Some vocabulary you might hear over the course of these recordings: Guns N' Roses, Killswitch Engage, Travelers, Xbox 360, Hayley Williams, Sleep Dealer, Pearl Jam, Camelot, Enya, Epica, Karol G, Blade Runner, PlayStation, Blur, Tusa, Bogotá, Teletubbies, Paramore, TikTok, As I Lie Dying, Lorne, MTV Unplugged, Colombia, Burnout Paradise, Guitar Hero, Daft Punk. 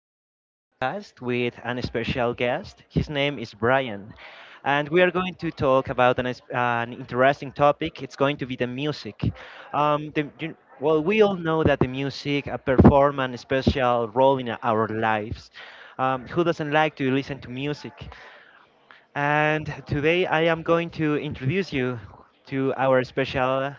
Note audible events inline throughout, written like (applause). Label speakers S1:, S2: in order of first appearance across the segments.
S1: on our podcast with an special guest. His name is Brian, and we are going to talk about an interesting topic. It's going to be the music. Well, we all know that the music perform a special role in our lives. Who doesn't like to listen to music? And today I am going to introduce you to our special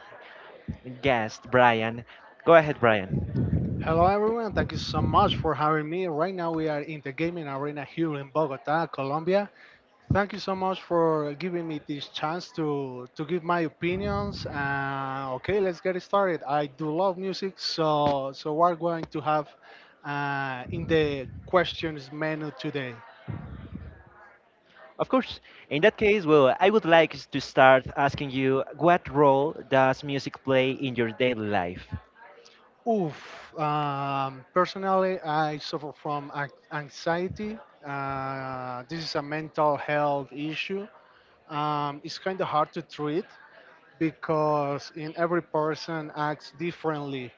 S1: guest, Brian. Go ahead, Brian.
S2: Hello, everyone. Thank you so much for having me. Right now, we are in the gaming arena here in Bogota, Colombia. Thank you so much for giving me this chance to give my opinions. Okay, let's get it started. I do love music, so we're going to have in the questions menu today.
S1: Of course. In that case, well, I would like to start asking you what role does music play in your daily life,
S2: Oof. Personally, I suffer from anxiety. This is a mental health issue. It's kind of hard to treat because in every person acts differently.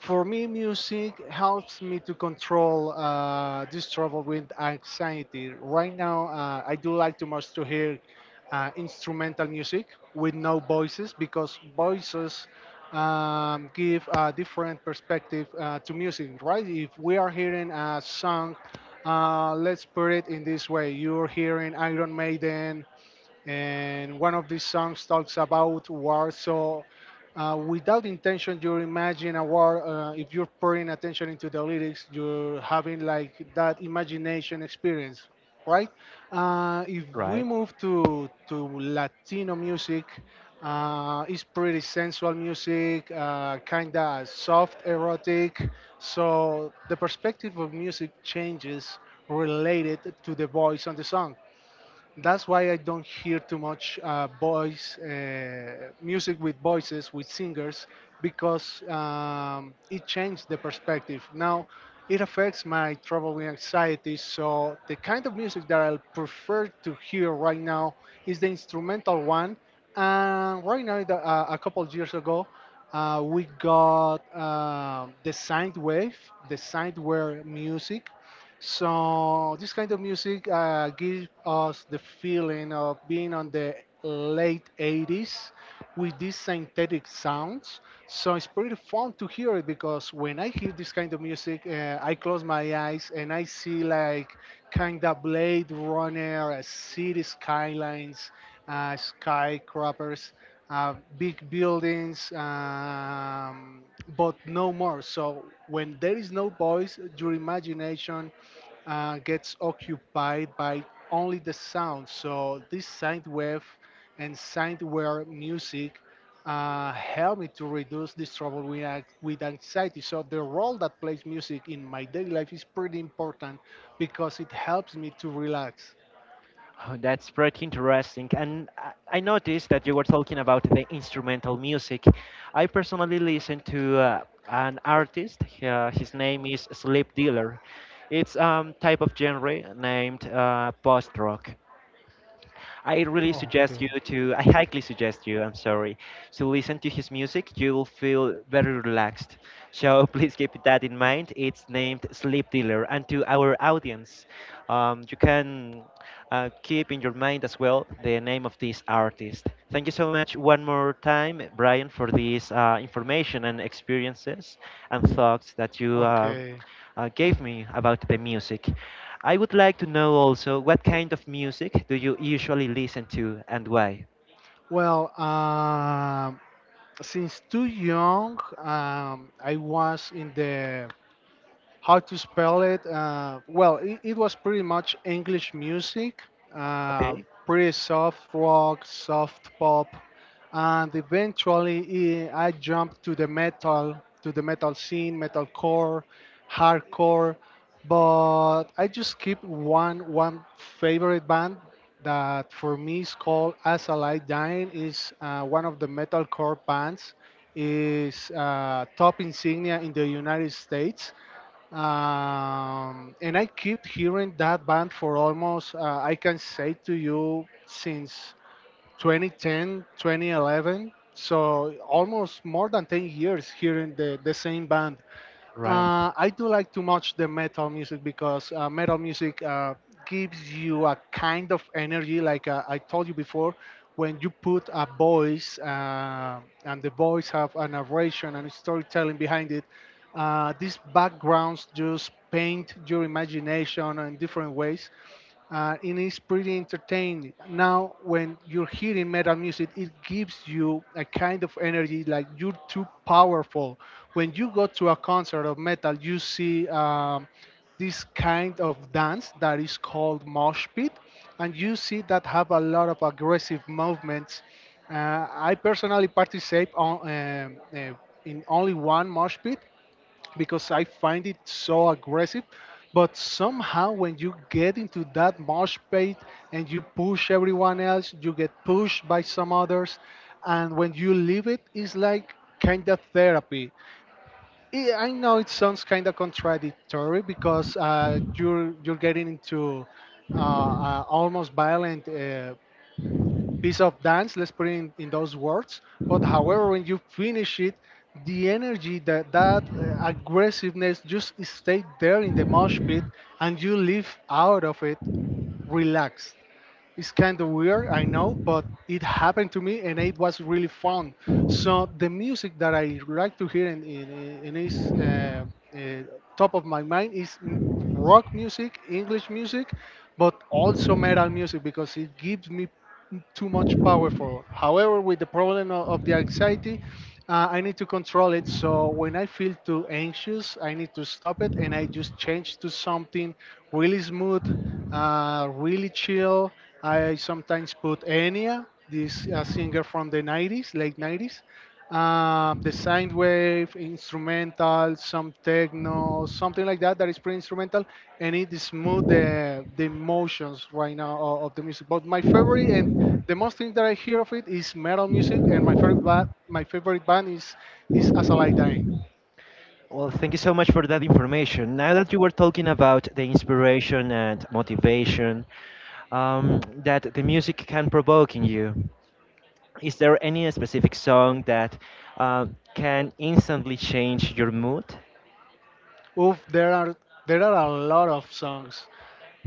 S2: For me, music helps me to control this trouble with anxiety. Right now, I do like too much to hear instrumental music with no voices because voices give a different perspective to music, right? If we are hearing a song, let's put it in this way: you're hearing Iron Maiden and one of these songs talks about war. So, without intention, you imagine a war. If you're paying attention into the lyrics, you're having like that imagination experience, right? If we
S1: right?
S2: move to Latino music, it's pretty sensual music, kinda soft, erotic. So the perspective of music changes related to the voice on the song. That's why I don't hear too much voice music with voices with singers because it changed the perspective. Now it affects my trouble and anxiety. So the kind of music that I prefer to hear right now is the instrumental one. And right now, a couple of years ago, we got the sine wave music. So this kind of music gives us the feeling of being on the late 80s with these synthetic sounds. So it's pretty fun to hear it because when I hear this kind of music, I close my eyes and I see like kind of Blade Runner, city skylines, skyscrapers, big buildings, but no more. So when there is no voice, your imagination gets occupied by only the sound. So this sine wave and sine wave music help me to reduce this trouble with anxiety. So the role that plays music in my daily life is pretty important because it helps me to relax.
S1: Oh, that's pretty interesting. And I noticed that you were talking about the instrumental music. I personally listen to an artist. His name is Sleep Dealer. It's type of genre named post rock.
S2: Okay,
S1: I highly suggest you, I'm sorry, to listen to his music. You will feel very relaxed. So (laughs) please keep that in mind. It's named Sleep Dealer. And to our audience, you can keep in your mind as well the name of this artist. Thank you so much one more time, Brian, for this information and experiences and thoughts that you. Uh,
S2: okay.
S1: uh, gave me about the music. I would like to know also what kind of music do you usually listen to and why?
S2: Well, since too young, I was in the how to spell it. Well, it was pretty much English music, uh,
S1: Okay.
S2: pretty soft rock, soft pop, and eventually I jumped to the metal scene, metalcore, hardcore. But I just keep one favorite band that for me is called As I Lie Dying. Is one of the metalcore bands. Is top insignia in the United States and I keep hearing that band for almost I can say to you since 2010, 2011. So almost more than 10 years hearing the same band.
S1: Right.
S2: I do like too much the metal music because metal music gives you a kind of energy, like I told you before, when you put a voice and the voice have a narration and storytelling behind it. These backgrounds just paint your imagination in different ways, and it's pretty entertaining. Now, when you're hearing metal music, it gives you a kind of energy like you're too powerful. When you go to a concert of metal, you see this kind of dance that is called mosh pit, and you see that have a lot of aggressive movements. I personally participate on, in only one mosh pit, because I find it so aggressive. But somehow, when you get into that mosh pit and you push everyone else, you get pushed by some others. And when you leave it, it's like kind of therapy. I know it sounds kind of contradictory because you're getting into almost violent piece of dance, let's put it in those words. But however, when you finish it, the energy, that aggressiveness, just stay there in the mosh pit, and you live out of it relaxed. It's kind of weird, I know, but it happened to me and it was really fun. So the music that I like to hear in is uh, top of my mind is rock music, English music, but also metal music because it gives me too much power for. However, with the problem of the anxiety, I need to control it. So when I feel too anxious, I need to stop it and I just change to something really smooth, really chill. I sometimes put Enya, this singer from the 90s, late 90s, the sine wave, instrumental, some techno, something like that, that is pretty instrumental, and it smooth the emotions right now of the music. But my favorite and the most thing that I hear of it is metal music, and my favorite, my favorite band is As I Lie Dying.
S1: Well, thank you so much for that information. Now that you were talking about the inspiration and motivation that the music can provoke in you, is there any specific song that uh, can instantly change your mood?
S2: Oof, there are a lot of songs.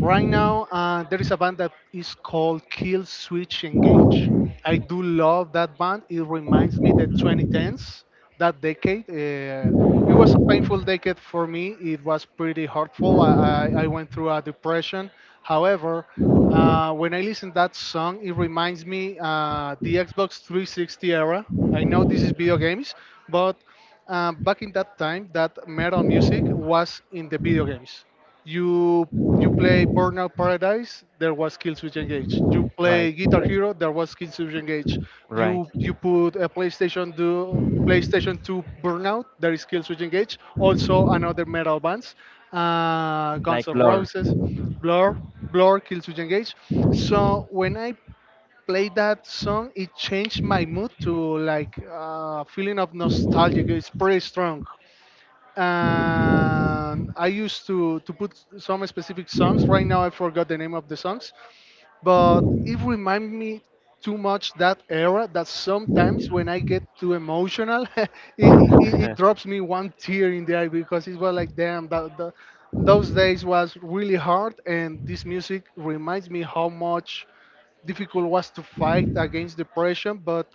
S2: Right now, there is a band that is called Kill Switch Engage. I do love that band. It reminds me the 2010s, that decade. It was a painful decade for me. It was pretty hurtful. I went through a depression. However, when I listen that song, it reminds me the Xbox 360 era. I know this is video games, but back in that time, that metal music was in the video games. You you play Burnout Paradise, there was Killswitch Engage. You
S1: Right,
S2: play Guitar Hero, there was Killswitch Engage.
S1: right.
S2: You put a PlayStation 2 Burnout, there is Killswitch Engage. Also another metal bands,
S1: Like
S2: Guns N'
S1: Blur.
S2: Roses, Blur, Killswitch Engage. So when I played that song, it changed my mood to like feeling of nostalgia. It's pretty strong. And I used to put some specific songs. Right now, I forgot the name of the songs, but it reminds me too much that era. That sometimes when I get too emotional, (laughs) it drops
S1: (laughs)
S2: me one tear in the eye because it was like, damn, that those days was really hard. And this music reminds me how much difficult was to fight against depression, but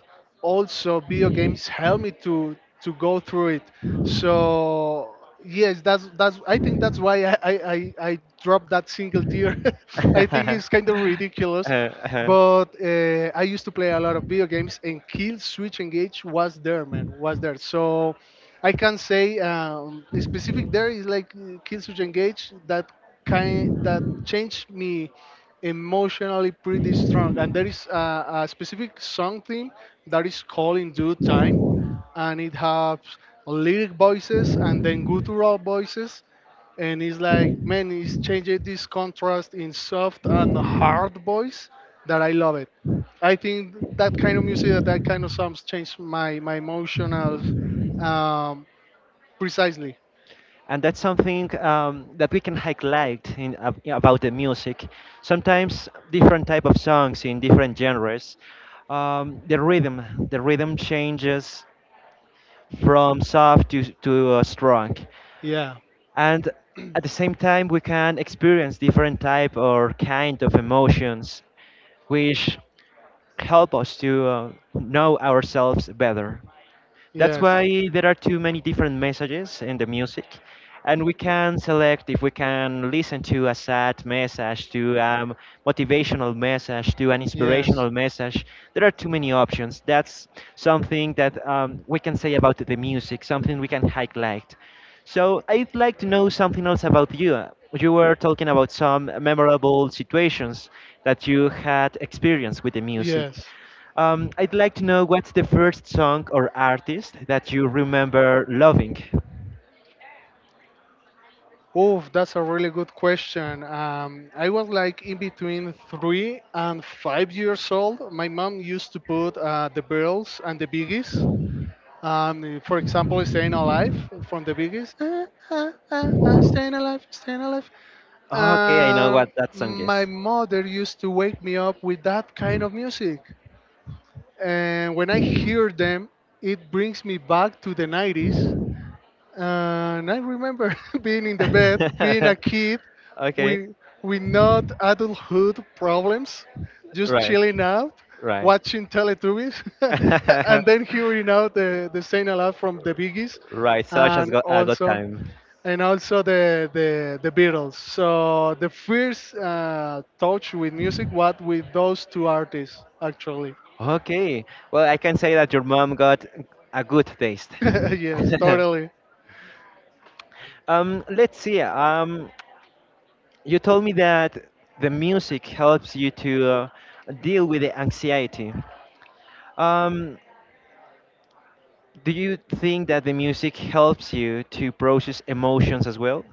S2: also video games helped me to go through it. So yes, that's I think that's why I dropped that single tier.
S1: (laughs)
S2: (laughs) I think
S1: uh,
S2: it's kind of ridiculous.
S1: uh,
S2: But I used to play a lot of video games, and Kill Switch Engage was there, man, was there. So I can say specific there is like Kill Switch Engage that kind that changed me emotionally pretty strong. And there is a specific something that is called in due time, and it has lyric voices and then guttural voices. And it's like, man, it's changing this contrast in soft and hard voice that I love it. I think that kind of music, that kind of songs change my emotional um, precisely.
S1: and that's something that we can highlight about the music. Sometimes different type of songs in different genres, um, the rhythm changes from soft to strong,
S2: Yeah.
S1: and at the same time we can experience different type or kind of emotions, which help us to know ourselves better. That's
S2: Yes.
S1: why there are too many different messages in the music, and we can select if we can listen to a sad message, to a motivational message, to an
S2: Yes.
S1: inspirational message. There are too many options. That's something that we can say about the music, something we can highlight. So I'd like to know something else about you. You were talking about some memorable situations that you had experienced with the music.
S2: Yes.
S1: I'd like to know what's the first song or artist that you remember loving?
S2: Oh, that's a really good question. I was like in between 3 and 5 years old. My mom used to put the Beatles and the Biggies. For example, "Staying Alive" from the Biggies. Ah, ah, ah, ah, staying alive, staying alive.
S1: Okay, I know
S2: And
S1: what that song
S2: my
S1: is.
S2: mother used to wake me up with that kind of music. And when I hear them, it brings me back to the 90s. And I remember (laughs) being in the bed, being a
S1: (laughs)
S2: kid
S1: Okay,
S2: with, with not adulthood problems, just
S1: right,
S2: chilling out,
S1: right.
S2: watching Teletubbies, (laughs) and then
S1: (laughs)
S2: hearing out the Saint Alarm from the Biggies.
S1: Right, such as
S2: And
S1: got, a good
S2: also,
S1: time.
S2: and also the Beatles. So the first touch with music was with those two artists, actually.
S1: Okay, well, I can say that your mom got a good taste.
S2: (laughs) Yes, totally.
S1: (laughs) Let's see. You told me that the music helps you to deal with the anxiety. Um, Do you think that the music helps you to process emotions as well?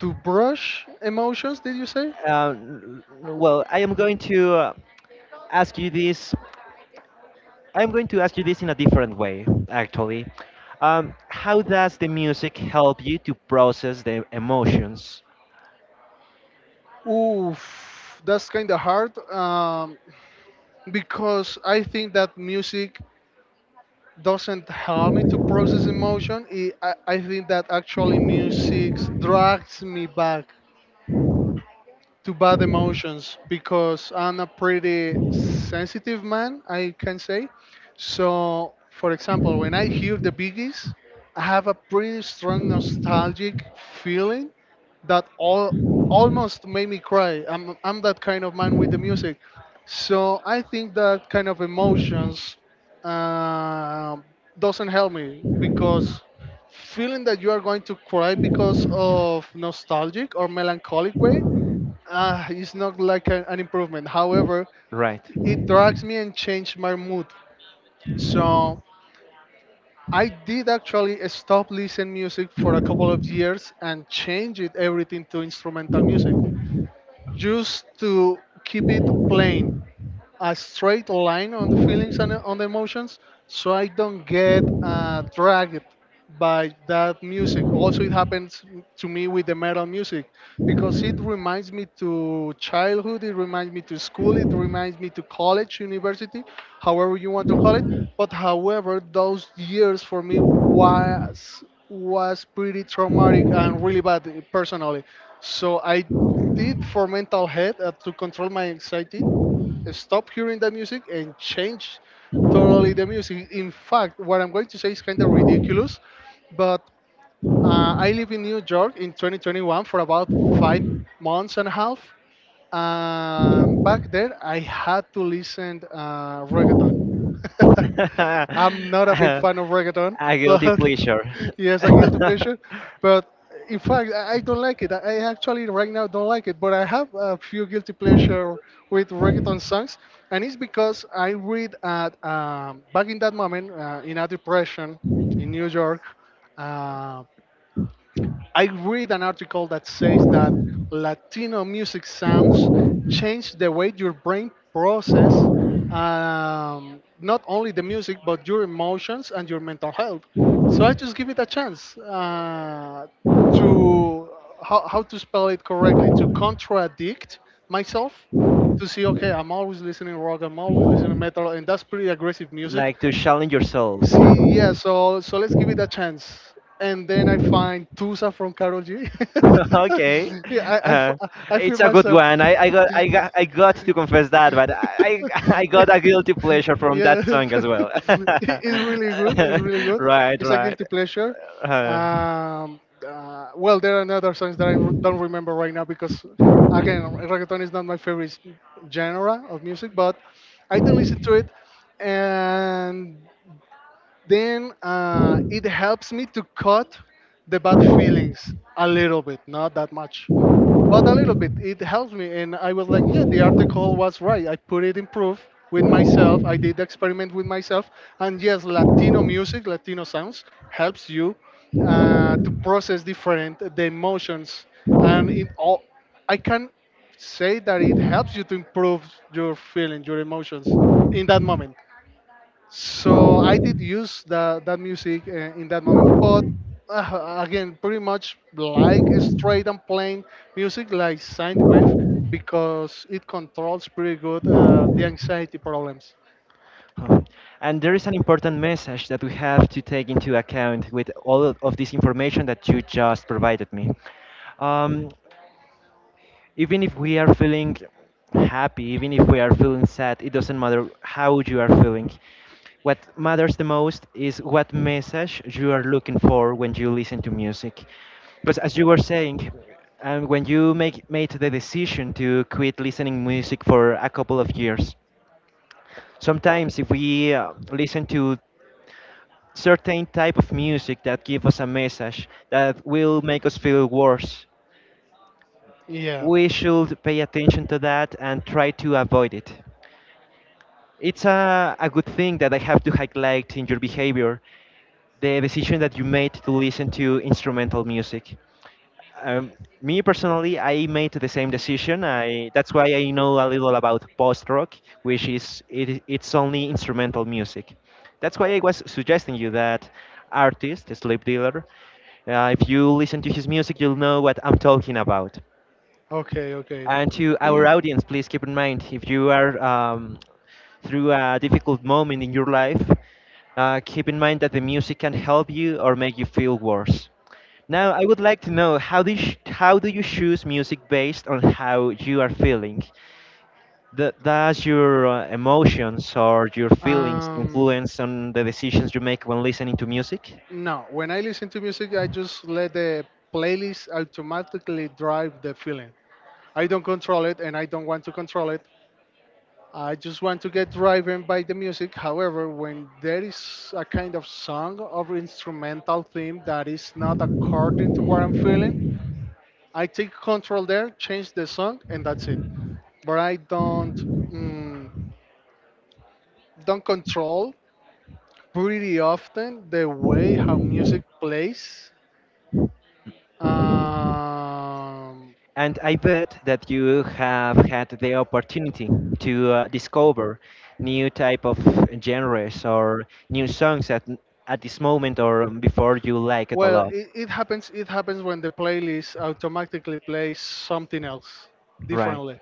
S2: To brush emotions, did you say?
S1: Uh, n- well, I am going to ask you this. I'm going to ask you this in a different way, actually. How does the music help you to process the emotions?
S2: Oof, that's kind of hard because I think that music doesn't help me to process emotion. It, I think that actually music drags me back to bad emotions because I'm a pretty sensitive man, I can say. So, for example, when I hear the Biggies, I have a pretty strong nostalgic feeling that all almost made me cry. I'm that kind of man with the music. So I think that kind of emotions uh, doesn't help me because feeling that you are going to cry because of nostalgic or melancholic way it's not like an improvement. However,
S1: Right.
S2: it drags me and changed my mood. So I did actually stop listening music for a couple of years and changed it everything to instrumental music just to keep it plain a straight line on the feelings and on the emotions so I don't get dragged by that music. Also, it happens to me with the metal music because it reminds me to childhood, it reminds me to school, it reminds me to college, university, however you want to call it. But however, those years for me was pretty traumatic and really bad personally. So I did for mental health to control my anxiety stop hearing that music and change totally the music. In fact, what I'm going to say is kind of ridiculous, but I live in New York in 2021 for about 5 months and a half. Back there, I had to listen reggaeton. (laughs)
S1: (laughs)
S2: I'm not a big
S1: Uh,
S2: fan of reggaeton,
S1: a guilty
S2: but
S1: pleasure.
S2: (laughs) yes, a guilty
S1: (laughs)
S2: pleasure. But in fact, I don't like it. I actually right now don't like it. But I have a few guilty pleasure with reggaeton songs, and it's because I read at back in that moment in a depression in New York. Uh, I read an article that says that Latino music sounds change the way your brain process, not only the music but your emotions and your mental health. So I just give it a chance to how to spell it correctly, to contradict myself, to see okay, I'm always listening rock, I'm always listening metal, and that's pretty aggressive music.
S1: Like to challenge yourself.
S2: See, yeah, so let's give it a chance. And then I find Tusa from Carol G.
S1: (laughs) Okay.
S2: (laughs) yeah,
S1: Uh,
S2: I feel
S1: it's a good
S2: myself.
S1: one.
S2: (laughs)
S1: I got to confess that, but I (laughs) I
S2: yeah,
S1: got a guilty pleasure from
S2: yeah.
S1: that song as
S2: (laughs)
S1: well.
S2: It- it's really good. It's really
S1: (laughs)
S2: good.
S1: Right,
S2: It's a
S1: right.
S2: guilty pleasure.
S1: Uh,
S2: Um, well, there are other songs that I don't remember right now because, again, reggaeton is not my favorite genre of music, but I do listen to it. And then it helps me to cut the bad feelings a little bit, not that much, but a little bit. It helps me. And I was like, yeah, the article was right. I put it in proof with myself. I did the experiment with myself. And yes, Latino music, Latino sounds helps you to process different the emotions. And it all, I can say that it helps you to improve your feeling, your emotions in that moment. So I did use that music in that moment, but again, pretty much like straight and plain music, like sine wave, because it controls pretty good the anxiety problems.
S1: and there is an important message that we have to take into account with all of this information that you just provided me. Um, Even if we are feeling happy, even if we are feeling sad, it doesn't matter how you are feeling. What matters the most is what message you are looking for when you listen to music. Because as you were saying, and when you make made the decision to quit listening music for a couple of years, sometimes if we listen to certain type of music that give us a message that will make us feel worse,
S2: Yeah.
S1: we should pay attention to that and try to avoid it. It's a good thing that I have to highlight in your behavior the decision that you made to listen to instrumental music. Um, Me personally, I made the same decision. I That's why I know a little about post rock, which is it's only instrumental music. That's why I was suggesting you that artist, Sleep Dealer. If you listen to his music, you'll know what I'm talking about.
S2: Okay. Okay.
S1: And to our
S2: (clears throat)
S1: audience, please keep in mind if you are through a difficult moment in your life, keep in mind that the music can help you or make you feel worse. Now, I would like to know how do how do you choose music based on how you are feeling? Does your emotions or your feelings
S2: um.
S1: influence on the decisions you make when listening to music?
S2: No. When I listen to music, I just let the playlist automatically drive the feeling. I don't control it, and I don't want to control it. I just want to get driven by the music. However, when there is a kind of song or instrumental theme that is not according to what I'm feeling, I take control there, change the song, and that's it. But I don't mm, don't control pretty often the way how music plays. Um,
S1: And I bet that you have had the opportunity to discover new type of genres or new songs at this moment or before you like it a
S2: Well,
S1: lot.
S2: it happens. It happens when the playlist automatically plays something else
S1: Right,
S2: differently.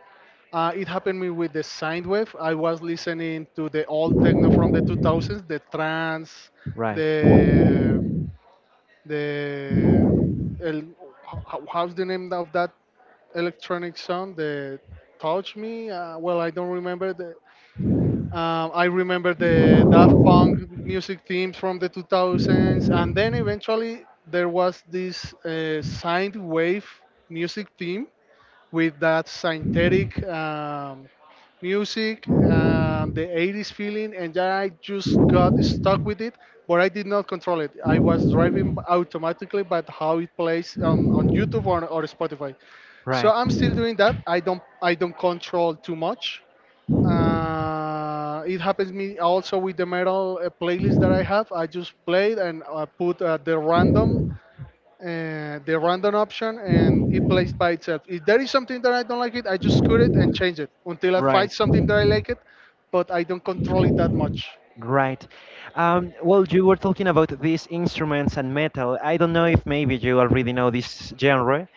S2: It happened me with the sine wave. I was listening to the old techno from the 2000s, the trance,
S1: right,
S2: the the el, how's the name of that electronic song? The touch me. Well, I don't remember the I remember the Daft Punk music themes from the 2000s, and then eventually there was this sine wave music theme with that synthetic music, the 80s feeling, and yeah, I just got stuck with it, but I did not control it. I was driving automatically, but how it plays on YouTube or Spotify. So
S1: right,
S2: I'm still doing that. I don't control too much. It happens me also with the metal playlist that I have. I just played and I put the random option and it plays by itself. If there is something that I don't like it, I just cut it and change it until I
S1: right,
S2: find something that I like it, but I don't control it that much.
S1: right. Well, you were talking about these instruments and metal. I don't know if maybe you already know this genre,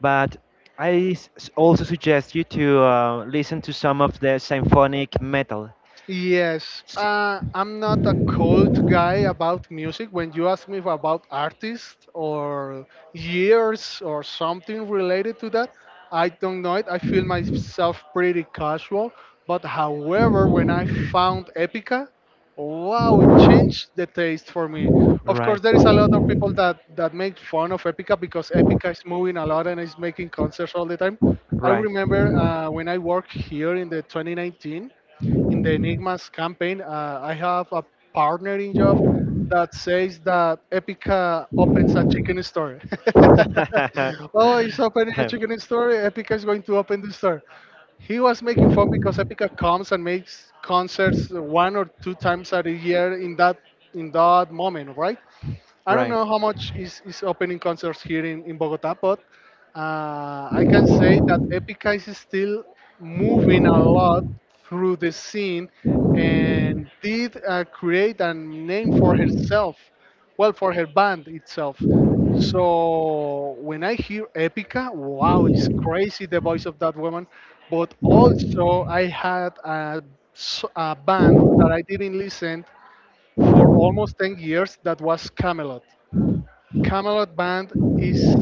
S1: but I also suggest you to listen to some of the symphonic metal.
S2: Yes,
S1: S-
S2: I'm not a cold guy about music. When you ask me about artists or years or something related to that, I don't know it. I feel myself pretty casual. But however, when I found Epica, wow, it changed the taste for me. Of
S1: Right,
S2: course, there is a lot of people that make fun of Epica because Epica is moving a lot and is making concerts all the time. I
S1: right.
S2: remember when I worked here in the 2019 in the Enigmas campaign, I have a partnering job that says that Epica opens a chicken store. (laughs) oh, he's
S1: (laughs)
S2: opening a chicken store. Epica is going to open the store. He was making fun because Epica comes and makes concerts one or two times a year in that moment, right? I don't
S1: Right.
S2: know how much is opening concerts here in Bogota, but I can say that Epica is still moving a lot through the scene and did create a name for herself, well, for her band itself. So when I hear Epica, wow, it's crazy the voice of that woman. But also, I had a band that I didn't listen for almost 10 years that was Camelot. Camelot Band is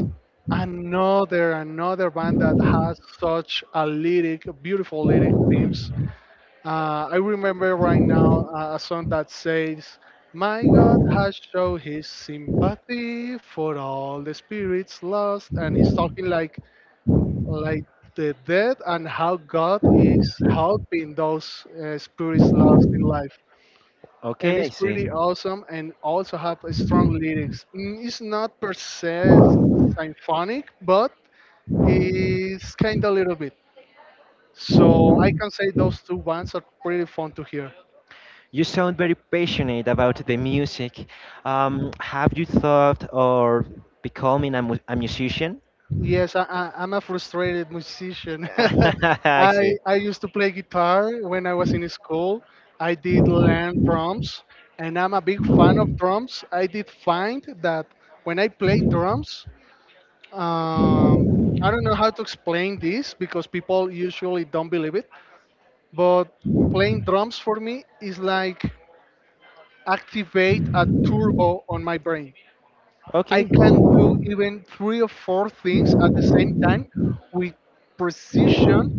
S2: another band that has such a lyric, beautiful lyric themes. I remember right now a song that says, "My God has shown His sympathy for all the spirits lost," and he's talking like the dead and how God is helping those spirits lost in life, and
S1: Okay, I
S2: it's
S1: see.
S2: pretty awesome and also have a strong lyrics. It's not per se symphonic, but it's kind of little bit. So I can say those two bands are pretty fun to hear.
S1: You sound very passionate about the music. Have you thought of becoming a musician?
S2: Yes, I'm a frustrated musician. (laughs)
S1: (laughs) I
S2: I
S1: see.
S2: I used to play guitar when I was in school. I did learn drums, and I'm a big fan of drums. I did find that when I play drums, um, I don't know how to explain this because people usually don't believe it, but playing drums for me is like activate a turbo on my brain. I
S1: Okay,
S2: can do even three or four things at the same time with precision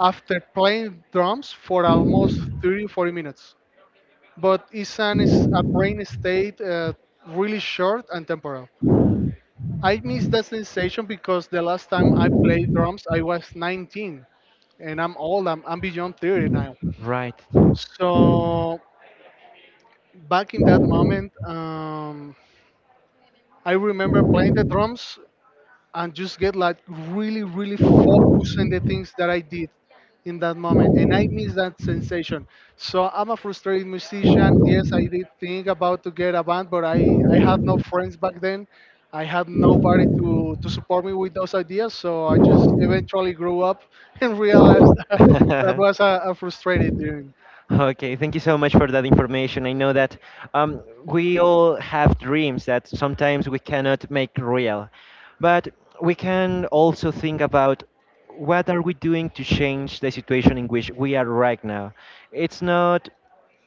S2: after playing drums for almost 30 40 minutes. But it's a brain state really short and temporal. I miss that sensation because the last time I played drums, I was 19 and I'm old, I'm beyond 30 now.
S1: right.
S2: So, back in that moment, I remember playing the drums and just get like really focused on the things that I did in that moment, and I miss that sensation. So I'm a frustrated musician, yes, I did think about to get a band but i had no friends back then. I had nobody to support me with those ideas, so I just eventually
S1: (laughs)
S2: grew up (laughs) and realized that, that was a frustrated dream.
S1: Okay, thank you so much for that information. I know that we all have dreams that sometimes we cannot make real, but we can also think about what are we doing to change the situation in which we are right now. It's not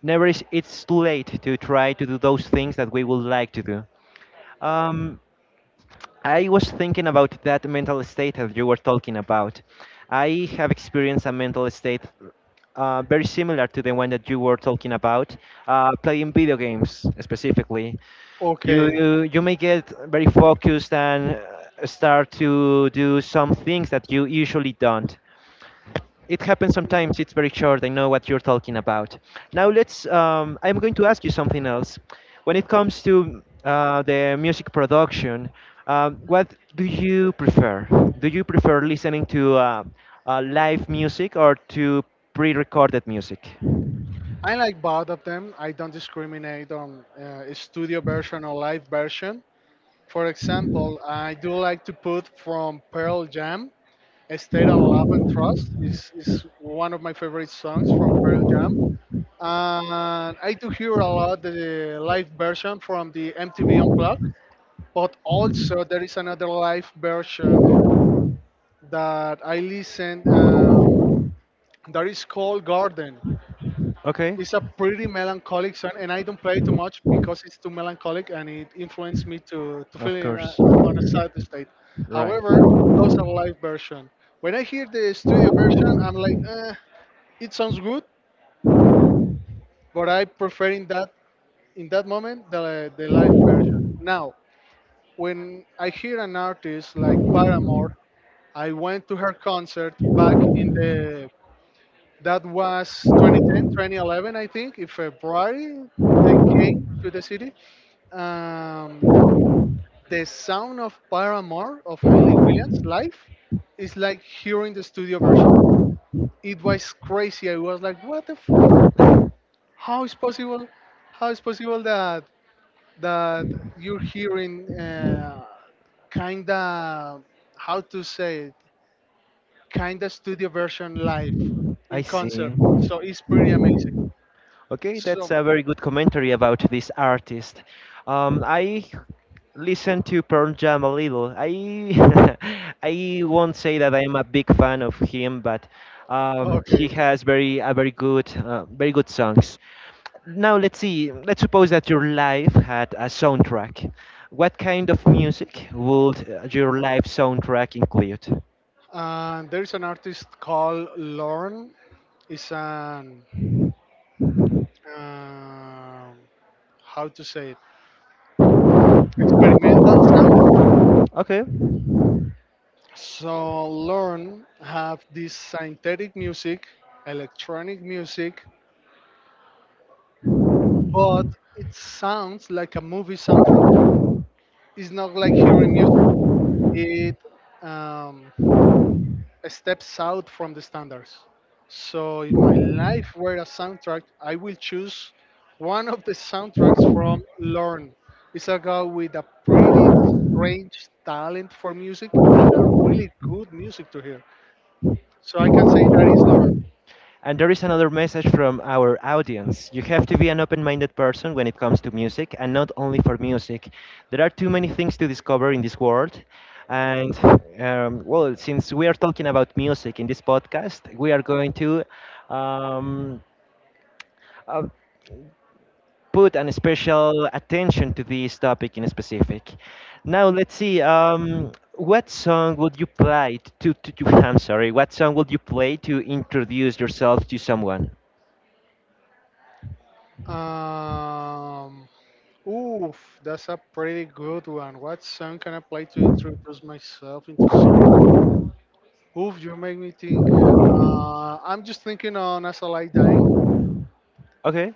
S1: never is it's too late to try to do those things that we would like to do. Um, I was thinking about that mental state that you were talking about. I have experienced a mental state very similar to the one that you were talking about, playing video games specifically.
S2: Okay,
S1: You may get very focused and start to do some things that you usually don't. It happens sometimes. It's very short. I know what you're talking about. Now let's. I'm going to ask you something else. When it comes to the music production, what do you prefer? Do you prefer listening to live music or to pre-recorded music?
S2: I like both of them, I don't discriminate on studio version or live version. For example, I do like to put from Pearl Jam, "State of Love and Trust" is one of my favorite songs from Pearl Jam. And I do hear a lot the live version from the MTV Unplugged, but also there is another live version that I listen that is called Garden.
S1: Okay.
S2: It's a pretty melancholic song, and I don't play it too much because it's too melancholic and it influenced me to feel
S1: Of
S2: in a,
S1: course.
S2: on a sad state.
S1: Right.
S2: However, those are live version. When I hear the studio version, I'm like, eh, it sounds good, but I prefer in that moment the live version. Now, when I hear an artist like Paramore, I went to her concert back in the that was 2010, 2011, I think, in February they came to the city, um, the sound of Paramore of Haley Williams live is like hearing the studio version. It was crazy. I was like, what the fuck? How is possible? How is possible that that you're hearing kinda how to say it, kinda studio version live
S1: I
S2: in concert?
S1: see.
S2: So it's pretty amazing.
S1: Okay, that's
S2: So
S1: a very good commentary about this artist. I listen to Pearl Jam a little. I (laughs) I won't say that I'm a big fan of him, but he
S2: okay,
S1: has very a very good very good songs. Now let's see. Let's suppose that your life had a soundtrack. What kind of music would your life soundtrack include?
S2: there is an artist called Lorne. Is an um, how to say it, experimental sounds.
S1: Okay.
S2: So learn have this synthetic music, electronic music, but it sounds like a movie soundtrack. It's not like hearing music. It um, steps out from the standards. So if my life were a soundtrack, I will choose one of the soundtracks from Lorne. It's a guy with a pretty strange talent for music and a really good music to hear. So I can say that is Lorne.
S1: And there is another message from our audience. You have to be an open minded person when it comes to music, and not only for music. There are too many things to discover in this world. And, well, since we are talking about music in this podcast, we are going to um, uh, put an special attention to this topic in specific. Now let's see. What song would you play to, to? (laughs) I'm sorry. What song would you play to introduce yourself to someone?
S2: Um, oof, that's a pretty good one. What song can I play to introduce myself into someone? Oof, you make me think. I'm just thinking on As I Lie Dying.
S1: Okay.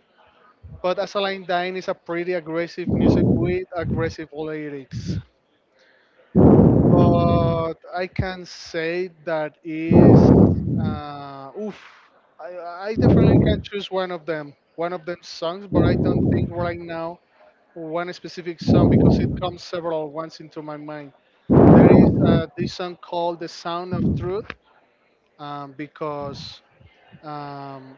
S2: But Asaline Dine is a pretty aggressive music with aggressive lyrics. But I can say that is, oof, I definitely can choose one of them songs, but I don't think right now one specific song because it comes several ones into my mind. There is this song called "The Sound of Truth" because um,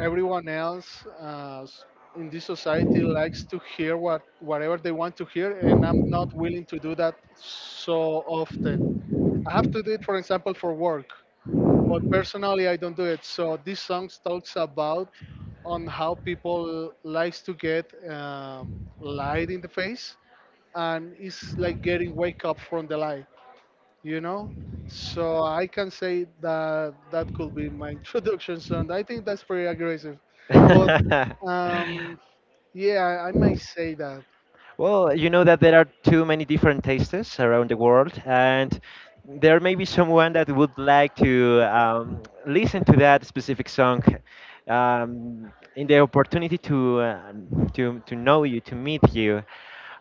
S2: everyone else in this society likes to hear whatever they want to hear, and I'm not willing to do that so often. I have to do it for example for work, but personally I don't do it. So this song talks about on how people likes to get lied in the face, and it's like getting wake up from the lie, you know. So I can say that that could be my (laughs) introduction song. I think that's pretty aggressive, but
S1: (laughs)
S2: um yeah, I might say that.
S1: Well, you know that there are too many different tastes around the world, and there may be someone that would like to listen to that specific song um, in the opportunity to know you, to meet you.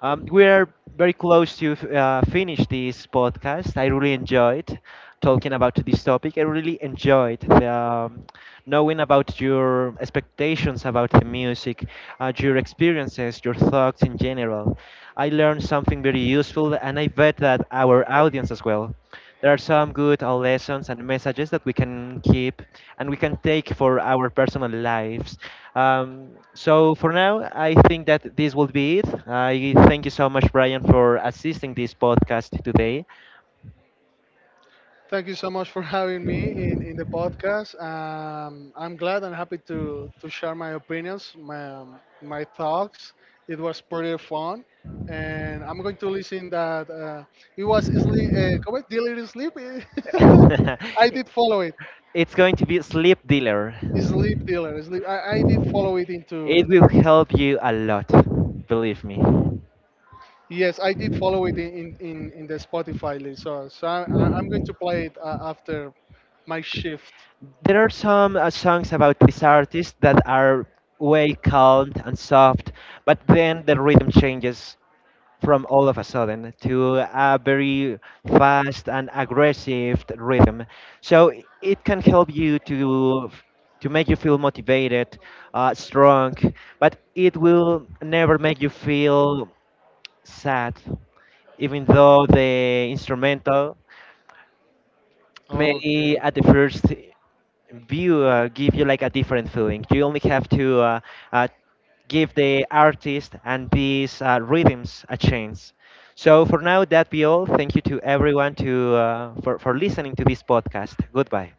S1: We are very close to finish this podcast. I really enjoyed talking about this topic. I really enjoyed knowing about your expectations about the music, your experiences, your thoughts in general. I learned something very useful, and I bet that our audience as well. There are some good lessons and messages that we can keep and we can take for our personal lives. Um, so for now, I think that this will be it. I thank you so much, Brian, for assisting this podcast today.
S2: Thank you so much for (laughs) having me in the podcast. I'm glad and happy to share my opinions, my my thoughts. It was pretty fun, and I'm going to listen that it was sleep correct delivery sleep. (laughs) I did
S1: (laughs)
S2: follow it.
S1: It's going to be Sleep Dealer.
S2: Sleep Dealer. Sleep. I did follow it into.
S1: It will help you a lot, believe me.
S2: Yes, I did follow it in the Spotify list. So so I'm going to play it after my shift.
S1: There are some songs about this artist that are way calm and soft, but then the rhythm changes from all of a sudden to a very fast and aggressive rhythm. So it can help you to make you feel motivated, strong, but it will never make you feel sad, even though the instrumental may
S2: Okay.
S1: at the first view give you like a different feeling. You only have to uh, give the artist and these rhythms a chance. So for now, that be all. Thank you to everyone to for listening to this podcast. Goodbye.